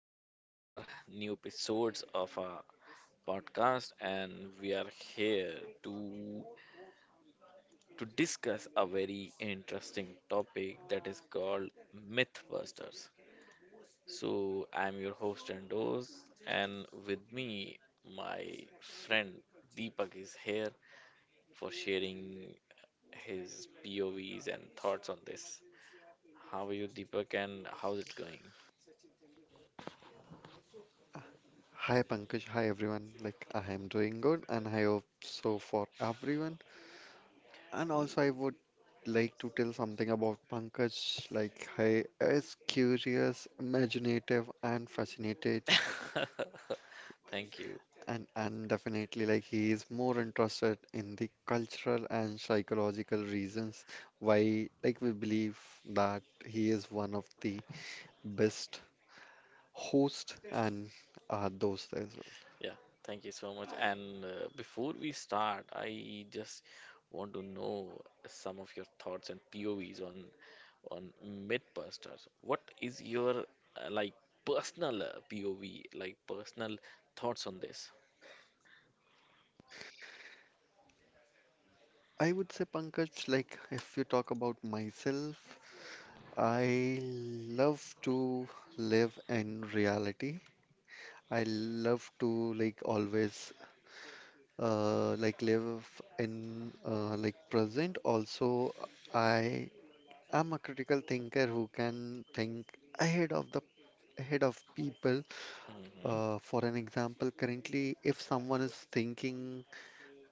back to our new episodes of our podcast and we are here to to discuss a very interesting topic that is called Mythbusters. So, I'm your host Andos, and with me my friend Deepak is here for sharing his POVs and thoughts on this. How are you, Deepak, and how's it going? Hi Pankaj, hi everyone. Like I am doing good and I hope so for everyone. And also I would like to tell something about Pankaj. Like he is curious, imaginative and fascinated Mm. Thank you. and definitely like he is more interested in the cultural and psychological reasons why like we believe that he is one of the best host and those things. Yeah, thank you so much. And before we start, I just want to know some of your thoughts and POVs on on Mythbusters. What is your like personal POV, like personal thoughts on this? I would say, Pankaj, like if you talk about myself, I love to live in reality. I love to like always like live in like present. Also, I am a critical thinker who can think ahead of the ahead of people. Hmm. For an example, currently, if someone is thinking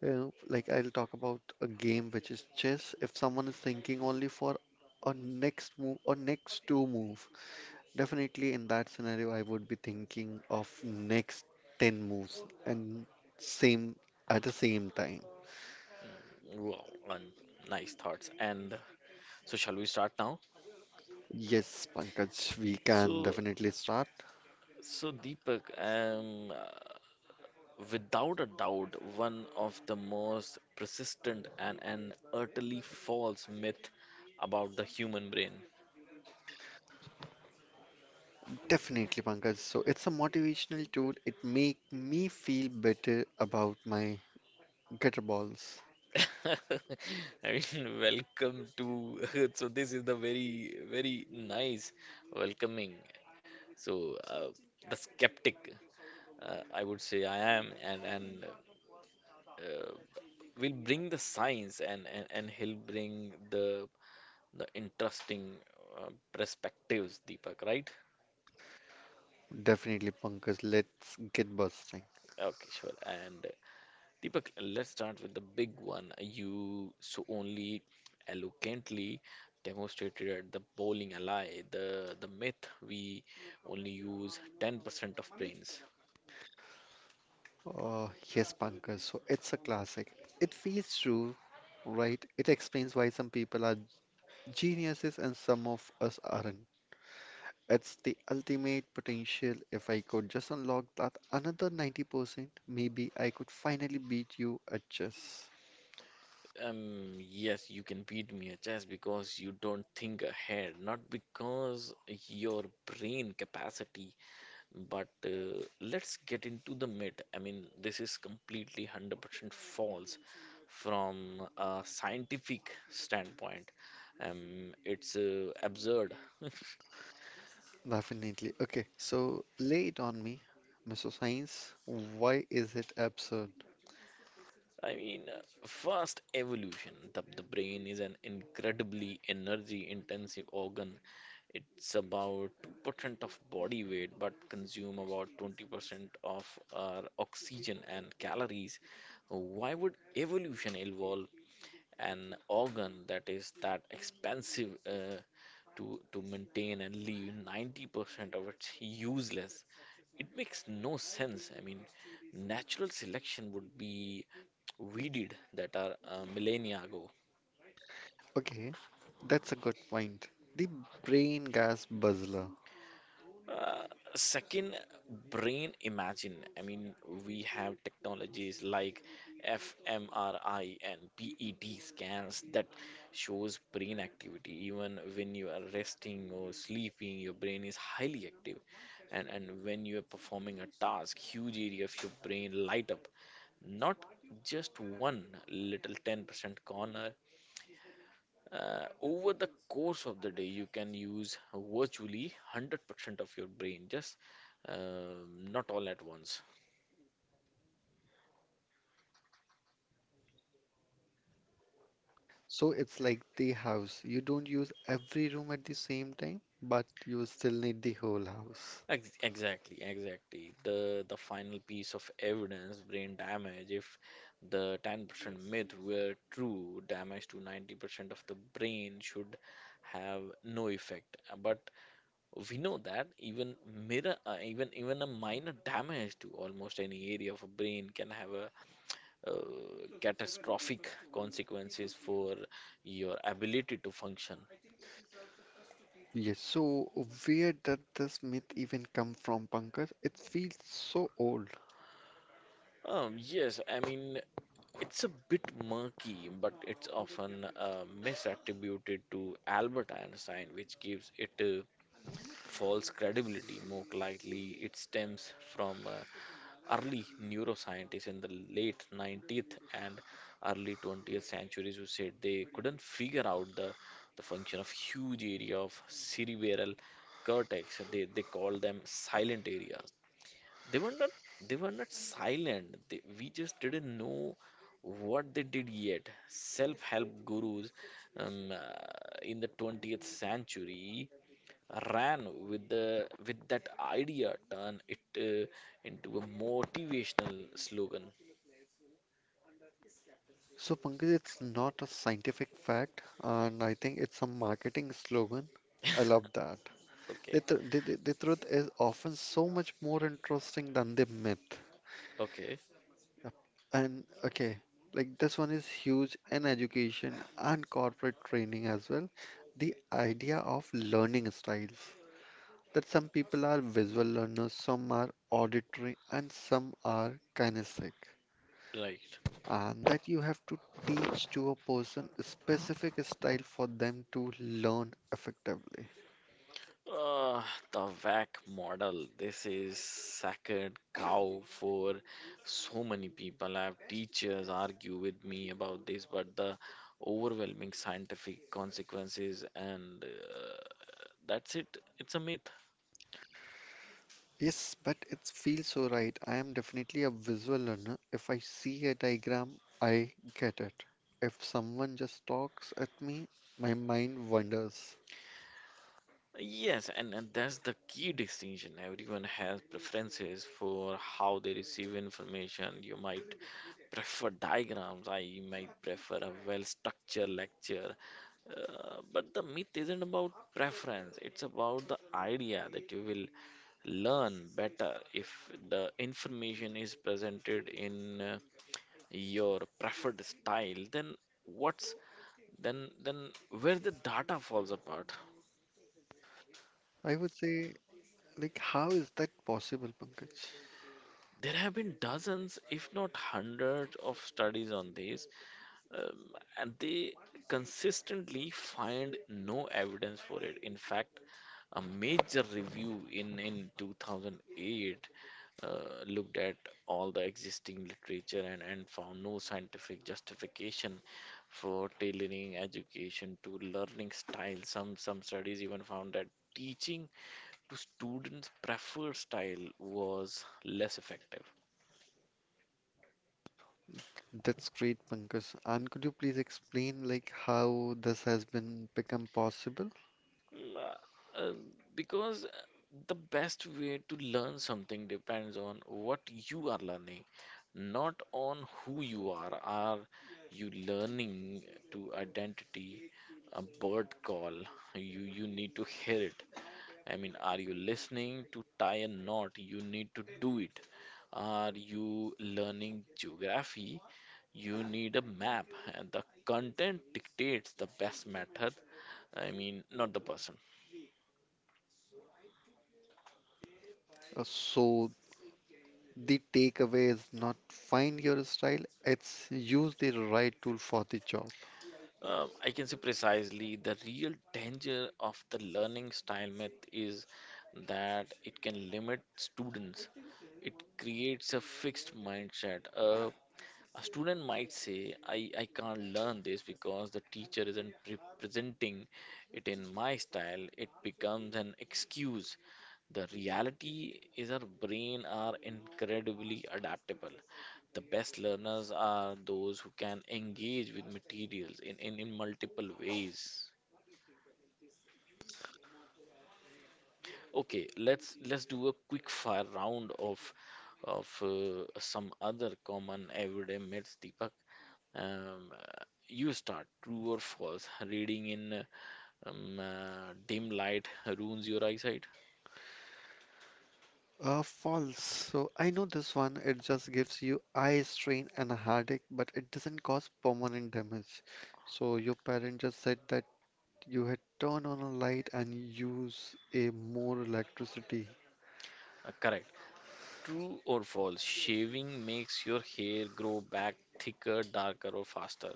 Like I'll talk about a game which is chess. If someone is thinking only for a next move or next two move, definitely in that scenario I would be thinking of next 10 moves and same at the same time. Wow, and nice thoughts. And so, shall we start now? Yes, Pankaj, we can So, definitely start. so, Deepak, without a doubt one of the most persistent and an utterly false myth about the human brain. Definitely, Pankaj. So it's a motivational tool. It make me feel better about my gutter balls. I mean, welcome to so this is the very very nice welcoming. So the skeptic, I would say I am, and uh, will bring the science, and he'll bring the interesting perspectives, Deepak, right? Definitely, Pankaj. Let's get busting. Okay, sure. And Deepak, let's start with the big one you so only eloquently demonstrated at the bowling alley, the myth we only use 10% of brains. Uh, yes, Pankaj. So it's a classic. It feels true, right? It explains why some people are geniuses and some of us aren't. It's the ultimate potential. If I could just unlock that another 90%, maybe I could finally beat you at chess. Yes, you can beat me at chess because you don't think ahead, not because your brain capacity. But let's get into the myth. I mean, this is completely 100% false from a scientific standpoint. It's absurd. Definitely. Okay, so lay it on me, Mr. Science. Why is it absurd? I mean, first, evolution. The brain is an incredibly energy intensive organ. It's about 2% of body weight, but consume about 20% of our oxygen and calories. Why would evolution evolve an organ that is that expensive to maintain and leave 90% of it's useless. It makes no sense. I mean, natural selection would be weeded that are millennia ago. Okay, that's a good point. The brain gas buzzler. Uh, Second, brain imagine. I mean, we have technologies like fMRI and PET scans that shows brain activity. Even when you are resting or sleeping, your brain is highly active. And when you are performing a task, huge area of your brain light up. Not just one little 10% corner. Over the course of the day, you can use virtually 100% of your brain, just, not all at once. So it's like the house. You don't use every room at the same time, but you still need the whole house. Exactly, exactly. The final piece of evidence, brain damage. If the 10% myth were true, damage to 90% of the brain should have no effect. But we know that even mirror, even a minor damage to almost any area of a brain can have a catastrophic consequences for your ability to function. Yes, so where did this myth even come from, Pankaj? It feels so old. Yes, I mean, it's a bit murky, but it's often misattributed to Albert Einstein, which gives it a false credibility. More likely, it stems from early neuroscientists in the late 19th and early 20th centuries who said they couldn't figure out the function of huge area of cerebral cortex. They called them silent areas. They were not, they were not silent. They, we just didn't know what they did yet. Self-help gurus, um, uh, in the 20th century, ran with that idea, turned it into a motivational slogan. So, Pankaj, it's not a scientific fact, and I think it's a marketing slogan. I love that. Okay, The the truth is often so much more interesting than the myth. okay, Yep. And okay, like this one is huge in education and corporate training as well. The idea of learning styles that some people are visual learners, some are auditory, and some are kinesthetic, right. and that you have to teach to a person a specific style for them to learn effectively. Uh, the VAC model. This is sacred cow for so many people. I have teachers argue with me about this, but the overwhelming scientific consequences and that's it. It's a myth. Yes, but it feels so right. I am definitely a visual learner. If I see a diagram, I get it. If someone just talks at me, my mind wanders. Yes, and that's the key distinction. Everyone has preferences for how they receive information. You might prefer diagrams, I might prefer a well structured lecture. But the myth isn't about preference, it's about the idea that you will learn better if the information is presented in your preferred style. Then what's then where the data falls apart. I would say, like, how is that possible, Pankaj? There have been dozens, if not hundreds, of studies on this, um, and they consistently find no evidence for it. In fact, a major review in 2008 uh, looked at all the existing literature, and found no scientific justification for tailoring education to learning style. Some studies even found that teaching to students' preferred style was less effective. That's great, Pankaj. And could you please explain, like, how this has been become possible? Mm, uh, uh, because the best way to learn something depends on what you are learning, not on who you are. Are you learning to identity a bird call? You need to hear it. I mean, are you listening to tie a knot? You need to do it. Are you learning geography? You need a map, and the content dictates the best method. I mean, not the person. So the takeaway is not find your style, it's use the right tool for the job. I can say precisely the real danger of the learning style myth is that it can limit students. It creates a fixed mindset. A student might say, I can't learn this because the teacher isn't presenting it in my style. It becomes an excuse. The reality is our brain are incredibly adaptable. The best learners are those who can engage with materials in multiple ways. Okay, let's do a quick fire round of some other common everyday myths, Deepak. You start. True or false. Reading in dim light ruins your eyesight. False. So I know this one. It just gives you eye strain and a headache, but it doesn't cause permanent damage. So your parent just said that you had turned on a light and use a more electricity. Correct. True or false. Shaving makes your hair grow back thicker, darker, or faster.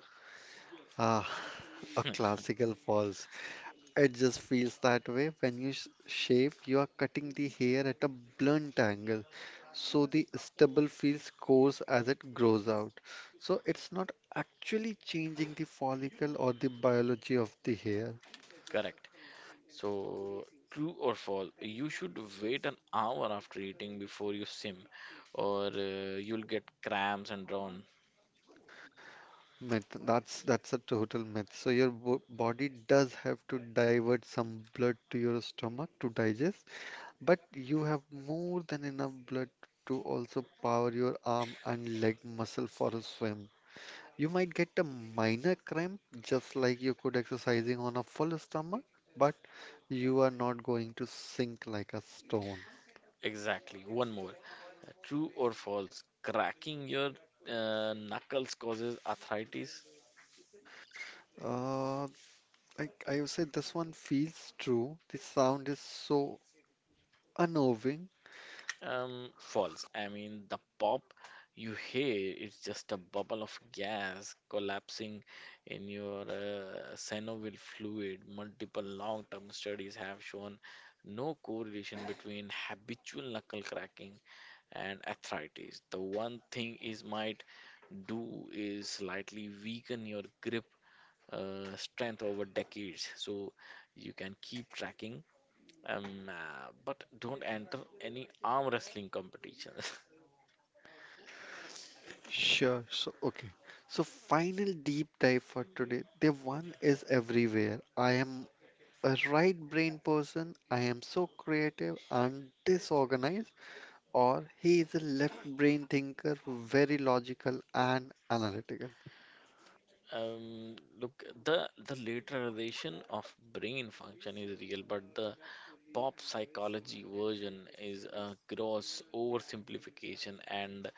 Ah, a classical false. It just feels that way when you shave, you are cutting the hair at a blunt angle, so the stubble feels coarse as it grows out. So it's not actually changing the follicle or the biology of the hair. Correct. So, true or false, you should wait an hour after eating before you swim, or you'll get cramps and drown. Myth. That's a total myth. So your bo body does have to divert some blood to your stomach to digest, but you have more than enough blood to also power your arm and leg muscle for a swim. You might get a minor cramp, just like you could exercising on a full stomach, but you are not going to sink like a stone. Exactly. One more. True or false, cracking your knuckles causes arthritis. Uh, I would say this one feels true. The sound is so unnerving. False. I mean, the pop you hear is just a bubble of gas collapsing in your synovial fluid. Multiple long-term studies have shown no correlation between habitual knuckle cracking and arthritis. The one thing is might do is slightly weaken your grip strength over decades, so you can keep tracking, but don't enter any arm wrestling competitions. Sure. So, okay. So, final deep dive for today. The one is everywhere. I am a right brain person. I am so creative and disorganized. Or he is a left brain thinker, very logical and analytical. Look, the lateralization of brain function is real, but the pop psychology version is a gross oversimplification and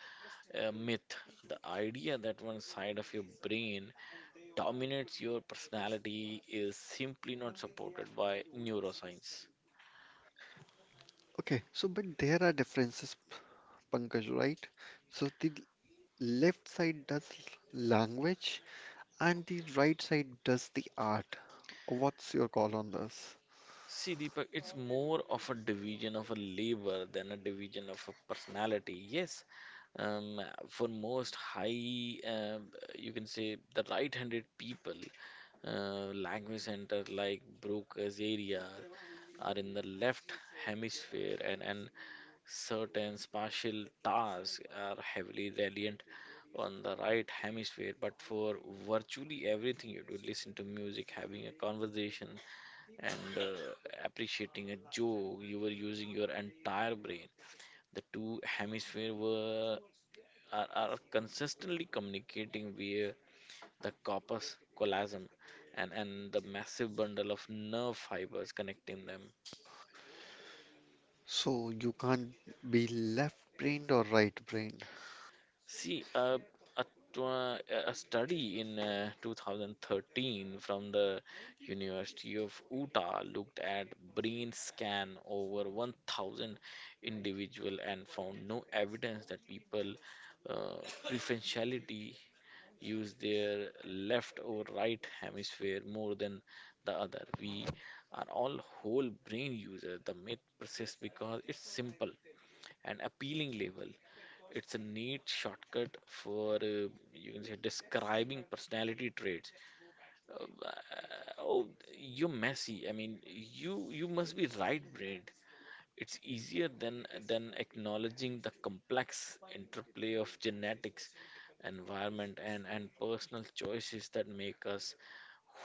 a myth. The idea that one side of your brain dominates your personality is simply not supported by neuroscience. Okay, so but there are differences, Pankaj, right? So the left side does language and the right side does the art. What's your call on this? See, Deepak, it's more of a division of a labor than a division of a personality. Yes, um, for most high, you can say the right-handed people, language center like Broca's area are in the left hemisphere, and certain spatial tasks are heavily reliant on the right hemisphere. But for virtually everything you do, listen to music, having a conversation and appreciating a joke, you were using your entire brain. The two hemispheres are consistently communicating via the corpus callosum, and the massive bundle of nerve fibers connecting them. So you can't be left-brained or right-brained. See, a, tw- uh, a study in 2013 from the University of Utah looked at brain scan over 1,000 individual and found no evidence that people uh, preferentially use their left or right hemisphere more than the other. We are all whole brain users. The myth persists because it's simple and appealing label. It's a neat shortcut for, you can say, describing personality traits. Uh, oh, you're messy. I mean, you must be right-brained. It's easier than acknowledging the complex interplay of genetics, environment, and personal choices that make us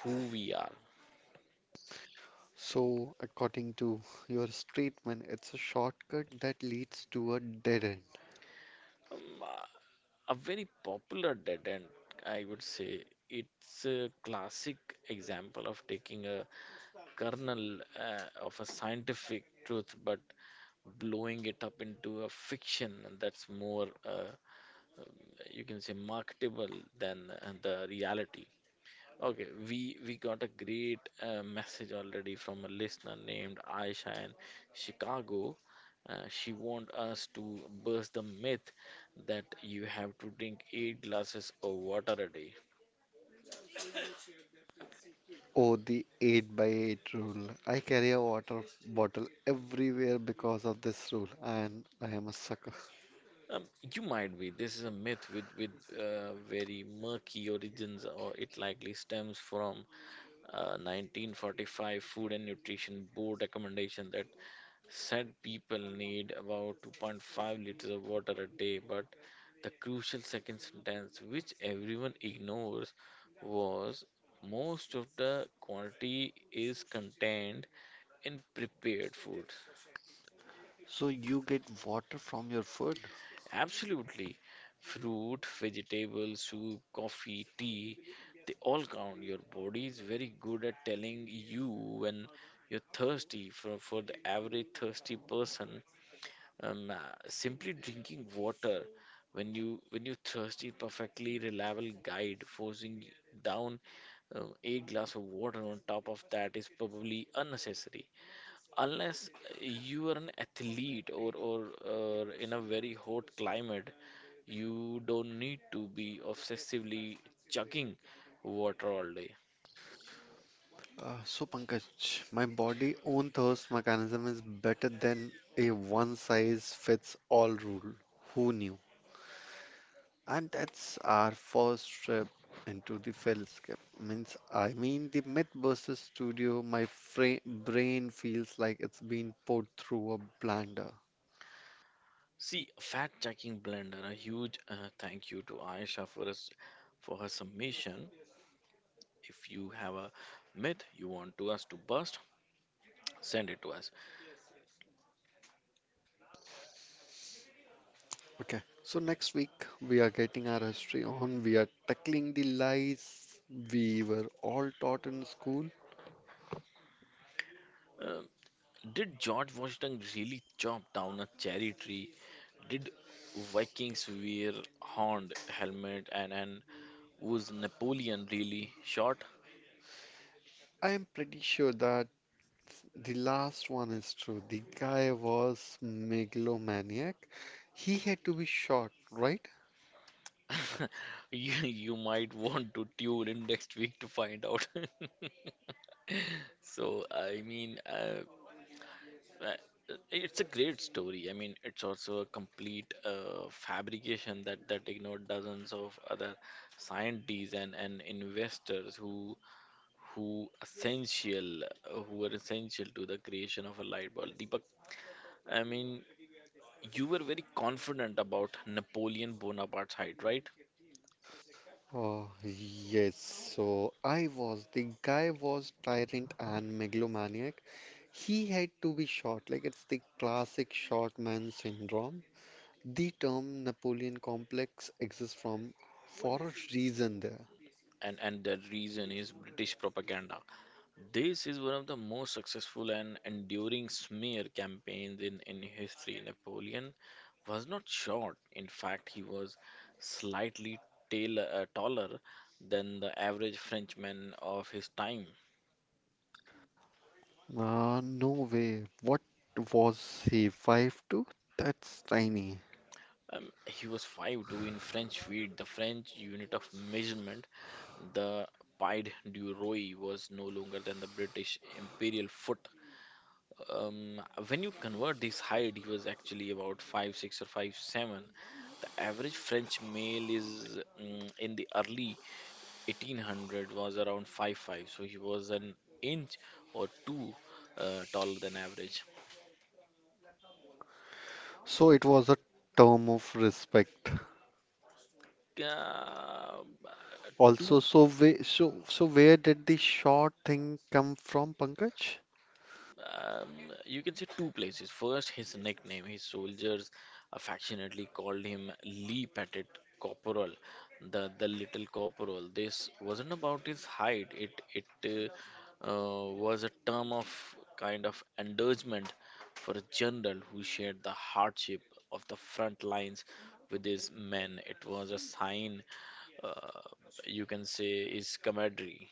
who we are. So according to your statement, it's a shortcut that leads to a dead end. Um, uh, a very popular dead end, I would say. It's a classic example of taking a kernel of a scientific truth, but blowing it up into a fiction, and that's more, um, you can say, marketable than the reality. Okay, we got a great message already from a listener named Aisha in Chicago. She want us to burst the myth that you have to drink 8 glasses of water a day. Oh, the 8 by 8 rule. I carry a water bottle everywhere because of this rule, and I am a sucker. Um, you might be. This is a myth with very murky origins, or it likely stems from 1945 Food and Nutrition Board recommendation that said people need about 2.5 liters of water a day. But the crucial second sentence, which everyone ignores, was most of the quantity is contained in prepared food. So you get water from your food? Absolutely. Fruit, vegetable, soup, coffee, tea, they all count. Your body is very good at telling you when you're thirsty. For the average thirsty person, um, uh, simply drinking water when you're thirsty, perfectly reliable guide, forcing down, a glass of water on top of that is probably unnecessary, unless you are an athlete, or in a very hot climate. You don't need to be obsessively chugging water all day. So, Pankaj, my body own thirst mechanism is better than a one size fits all rule. Who knew? And that's our first trip into the fellowship. Means, I mean, the Mythbusters studio, my fra brain feels like it's been put through a blender. See, fact checking blender. A huge thank you to Aisha for us for her submission. If you have a myth you want to us to bust, send it to us. Okay, so next week we are getting our history on. We are tackling the lies we were all taught in school. Uh, did George Washington really chop down a cherry tree? Did Vikings wear horned helmet, and who's Napoleon really short? I am pretty sure that the last one is true. The guy was megalomaniac. He had to be shot, right? You might want to tune in next week to find out. So, I mean, it's a great story. I mean, it's also a complete fabrication that ignored dozens of other scientists and investors who essential who were essential to the creation of a light bulb. Deepak, I mean, you were very confident about Napoleon Bonaparte's height, right? Oh, yes. So I was. The guy was tyrant and megalomaniac. He had to be shot. Like it's the classic short man syndrome. The term Napoleon complex exists from for a reason there. And the reason is British propaganda. This is one of the most successful and enduring smear campaigns in history. Napoleon was not short. In fact, he was slightly taller than the average Frenchman of his time. No way. What was he? 5'2"? That's tiny. He was 5'2" in French feet, the French unit of measurement. The pied du roi was no longer than the British imperial foot. Um, when you convert this height, he was actually about 5'6" or 5'7". The average French male in the early 1800 was around 5'5", so he was an inch or two, taller than average. So it was a term of respect. Uh, two Also, where did the short thing come from, Pankaj? um, you can say two places. First, his nickname. His soldiers affectionately called him Lee Pettit Corporal, the little corporal. This wasn't about his height. It was a term of kind of endorsement for a general who shared the hardship of the front lines with his men. It was a sign, uh, you can say, his camaraderie.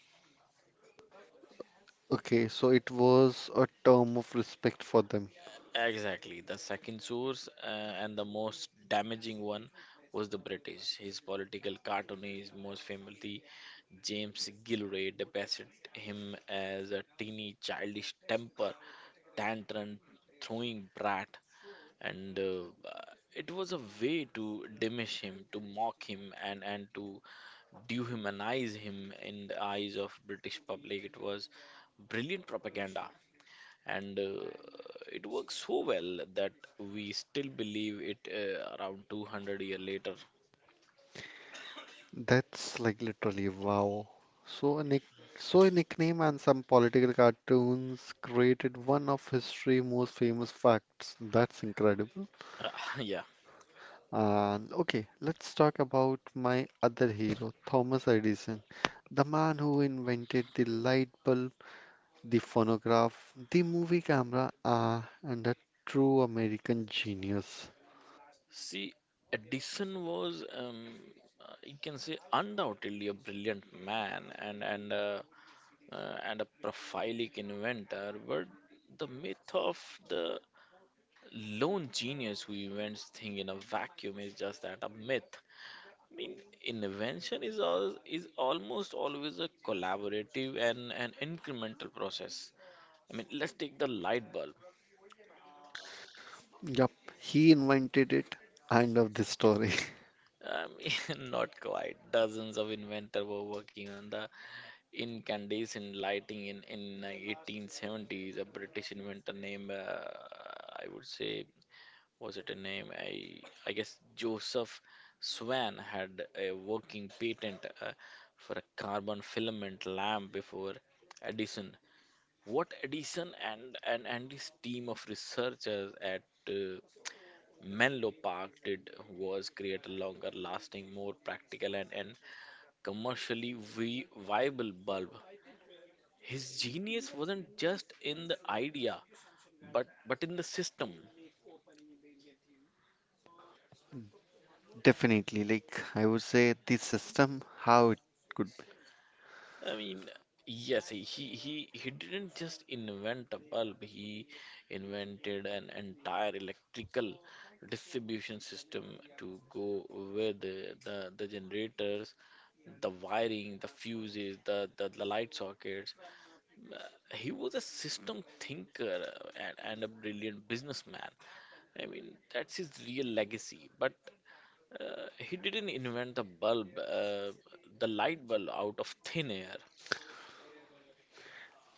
Okay, so it was a term of respect for them. Exactly. The second source, and the most damaging one, was the British. His political cartoonist, most famously James Gilray, depicted him as a teeny childish temper tantrum throwing brat, and it was a way to diminish him, to mock him, and to dehumanize him in the eyes of British public. It was brilliant propaganda, and it works so well that we still believe it around 200 year later. That's like literally wow. So a nick so a nickname and some political cartoons created one of history's most famous facts. That's incredible. Uh, yeah, And okay, let's talk about my other hero, Thomas Edison, the man who invented the light bulb, the phonograph, the movie camera, and a true American genius. see, Edison was you can say undoubtedly a brilliant man and a prolific inventor, but the myth of the lone genius who invents thing in a vacuum is just that, a myth. I mean, invention is almost always a collaborative and an incremental process. I mean, let's take the light bulb. Yup, he invented it. End of the story. I mean, not quite. Dozens of inventors were working on the incandescent lighting in 1870s. A British inventor named, I would say, was it a name? I guess Joseph Swan had a working patent for a carbon filament lamp before Edison. What Edison and his team of researchers at uh, Menlo Park did was create a longer lasting, more practical, and commercially viable bulb. His genius wasn't just in the idea, but in the system. Definitely, like I would say, the system, how it could. I mean, yes, he didn't just invent a bulb. He invented an entire electrical distribution system to go with the generators, the wiring, the fuses, the light sockets. Uh, He was a system thinker, and a brilliant businessman. I mean, that's his real legacy. But he didn't invent the light bulb out of thin air.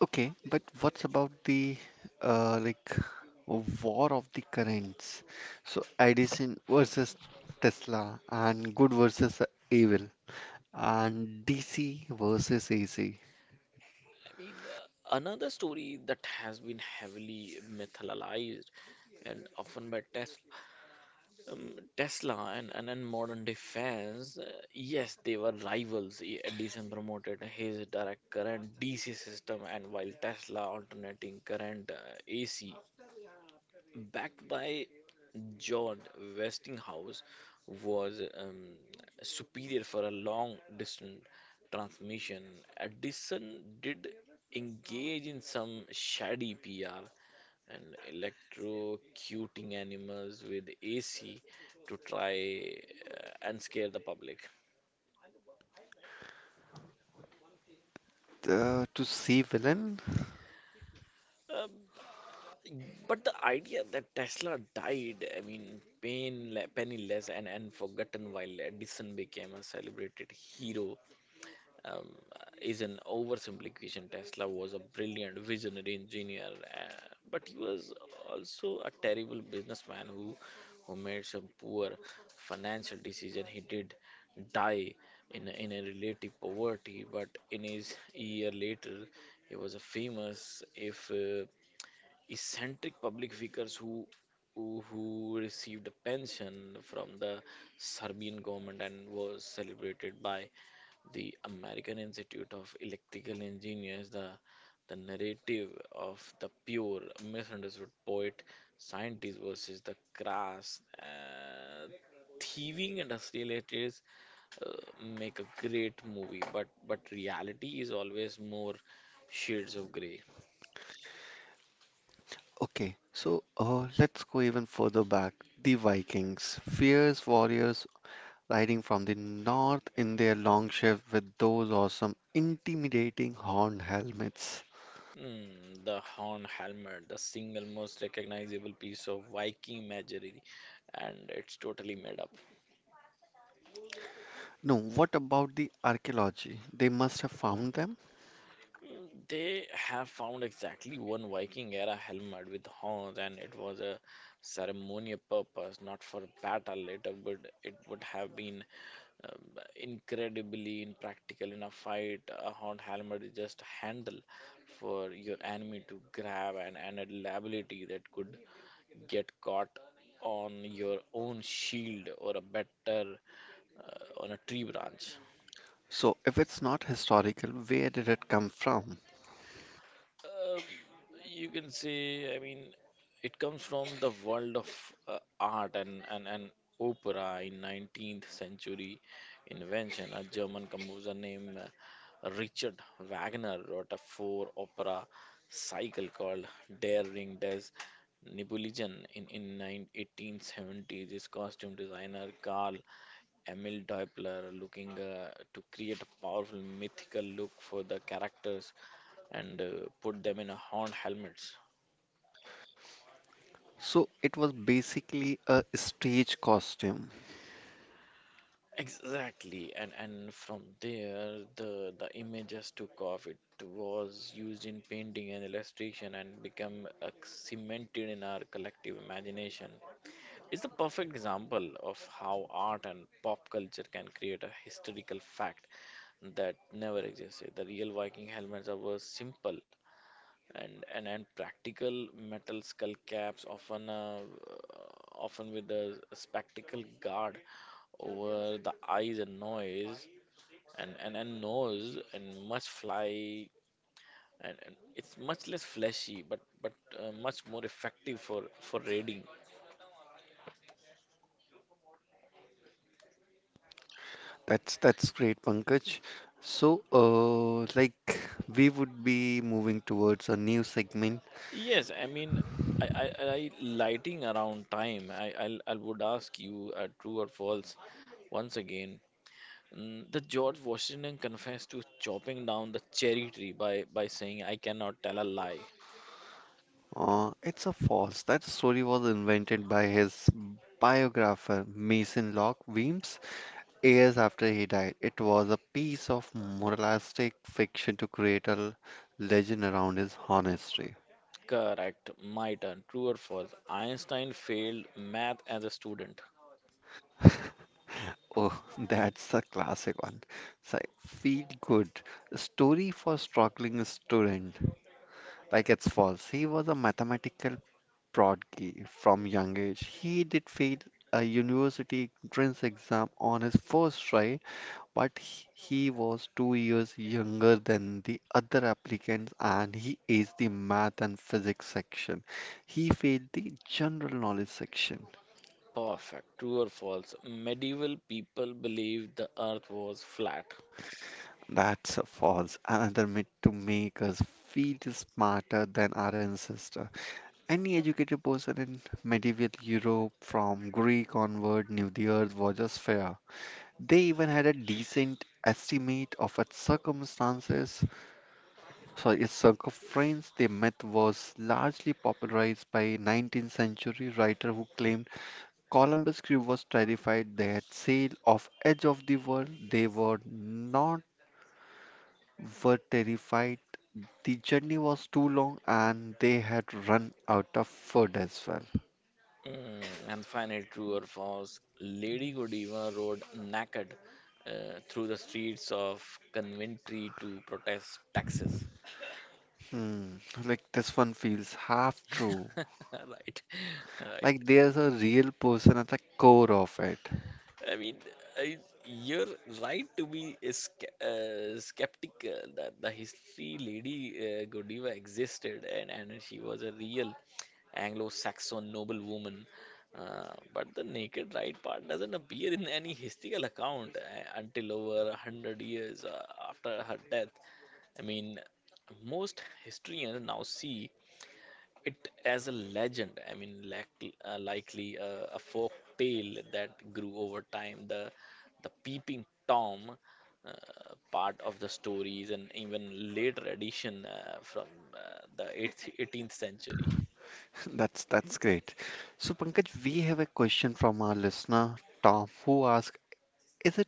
Okay, but what's about the like war of the currents? So Edison versus Tesla, and good versus evil, and DC versus AC. I mean, another story that has been heavily mythologized, and often by um, Tesla and modern day fans. Yes, they were rivals. Edison promoted his direct current DC system, and while Tesla alternating current, AC, backed by John Westinghouse, was superior for a long distance transmission. Edison did engage in some shady PR and electrocuting animals with AC to try, and scare the public. To see villain? Um, but the idea that Tesla died, I mean, pain, penniless and forgotten while Edison became a celebrated hero um, is an oversimplification. Tesla was a brilliant visionary engineer, but he was also a terrible businessman who made some poor financial decision. He did die in a relative poverty, but in his year later, he was a famous, if eccentric public figures who received a pension from the Serbian government and was celebrated by the American Institute of Electrical Engineers. The narrative of the pure, misunderstood poet scientist versus the crass, thieving industrialists uh, make a great movie, but reality is always more shades of grey. Okay, so let's go even further back. The Vikings, fierce warriors riding from the north in their long shift with those awesome, intimidating horned helmets. Hmm, the horn helmet, the single most recognizable piece of Viking imagery, and it's totally made up. No, what about the archaeology? They must have found them. They have found exactly one Viking era helmet with horns, and it was a ceremonial purpose, not for battle. Later, would it would have been incredibly impractical in a fight. A horn helmet is just a handle for your enemy to grab, and a liability that could get caught on your own shield or a better on a tree branch. So, if it's not historical, where did it come from? Um, you can say, I mean, it comes from the world of art and opera in 19th century invention. A German composer named, Richard Wagner wrote a four opera cycle called Der Ring des Nibelungen in 9 1870s. His costume designer Carl Emil Doppler, looking to create a powerful mythical look for the characters, and put them in a horn helmets. So, it was basically a stage costume. Exactly. And from there, the images took off. It was used in painting and illustration and become cemented in our collective imagination. It's the perfect example of how art and pop culture can create a historical fact that never existed. The real Viking helmets were simple and practical metal skull caps, often with a spectacle guard over the eyes and noise and nose, and it's much less fleshy, but much more effective for raiding. That's great, Pankaj. So, like we would be moving towards a new segment. Yes, I mean, I lighting around time. I would ask you, true or false, once again. Mm, the George Washington confessed to chopping down the cherry tree by saying, "I cannot tell a lie." It's a false. That story was invented by his biographer Mason Locke Weems years after he died. It was a piece of moralistic fiction to create a legend around his honesty. Correct. My turn. True or false? Einstein failed math as a student. Oh, that's a classic one. So feel good. Story for struggling student. Like it's false. He was a mathematical prodigy from young age. He did fail a university entrance exam on his first try but he was 2 years younger than the other applicants and he aced the math and physics section. He failed the general knowledge section. Perfect. True or false? Medieval people believed the earth was flat. That's a false, another myth to make us feel smarter than our ancestor. Any educated person in medieval Europe from Greek onward knew the earth was a sphere. They even had a decent estimate of its circumstances, so a circumference, the myth was largely popularized by 19th century writer who claimed Columbus crew was terrified they had sailed off edge of the world. They were not were terrified. The journey was too long and they had run out of food as well. Mm, and finally, true or false? Lady Godiva rode naked, through the streets of Coventry to protest taxes. Hmm, like this one feels half true. Right. Right. Like there's a real person at the core of it. I mean, I, you're right to be skeptical that the history Lady, Godiva existed, and she was a real Anglo Saxon noblewoman. But the naked right part doesn't appear in any historical account until over 100 years after her death. I mean, most historians now see it as a legend. Likely, a folk tale that grew over time. The peeping Tom uh, part of the stories and even later addition from the 18th century. That's great. So Pankaj, we have a question from our listener Tom, who asks, is it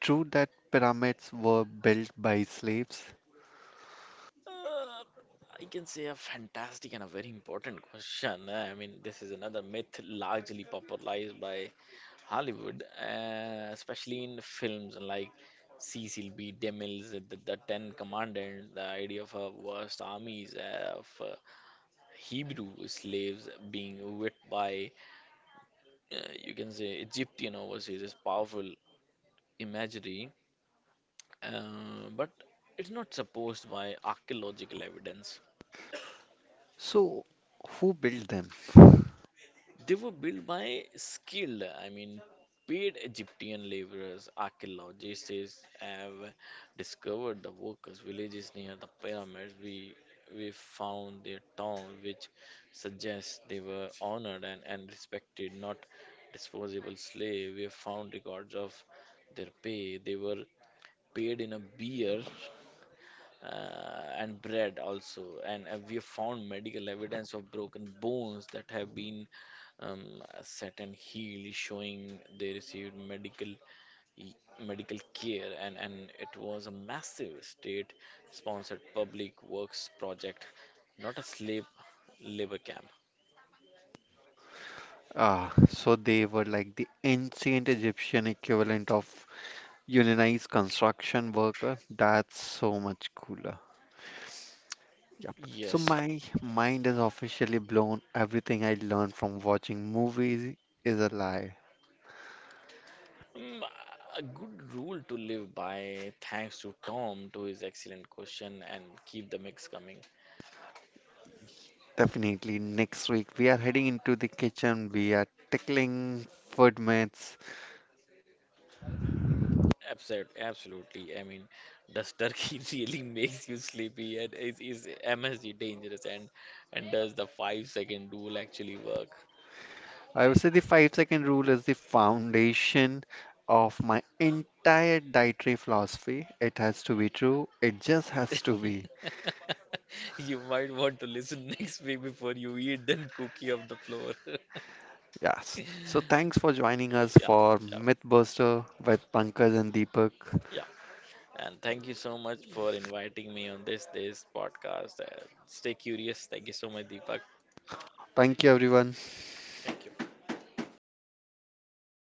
true that pyramids were built by slaves? Uh, I can say a fantastic and a very important question. I mean, this is another myth largely popularized by Hollywood, especially in films like Cecil B. DeMille's The Ten Commandments. The idea of a vast armies of Hebrew slaves being whipped by, uh, you can say, Egyptian overseas is powerful imagery, but it's not supposed by archaeological evidence. So, who built them? They were built by skilled, I mean, paid Egyptian laborers. Archaeologists have discovered the workers' villages near the pyramids. We found their tombs, which suggests they were honored and respected, not disposable slaves. We have found records of their pay. They were paid in a beer and bread also. And we have found medical evidence of broken bones that have been um, set and healed, showing they received e- medical care. And it was a massive state-sponsored public works project, not a slave labor camp. Ah, so they were like the ancient Egyptian equivalent of unionized construction worker. That's so much cooler. Yep. So Yes. my mind is officially blown. Everything I learned from watching movies is a lie. Mm, a good rule to live by. Thanks to Tom to his excellent question, and keep the mix coming. Definitely next week we are heading into the kitchen. We are tickling food myths. Absolutely, absolutely. I mean, does turkey really makes you sleepy? And is MSG dangerous? And does the 5-second rule actually work? I would say the 5 second rule is the foundation of my entire dietary philosophy. It has to be true. It just has to be. You might want to listen next week before you eat then cookie off the floor. Yes. So thanks for joining us Yeah, for yeah, Mythbuster with Pankaj and Deepak. yeah. And thank you so much for inviting me on this podcast. Stay curious. Thank you so much, Deepak. Thank you, everyone. Thank you.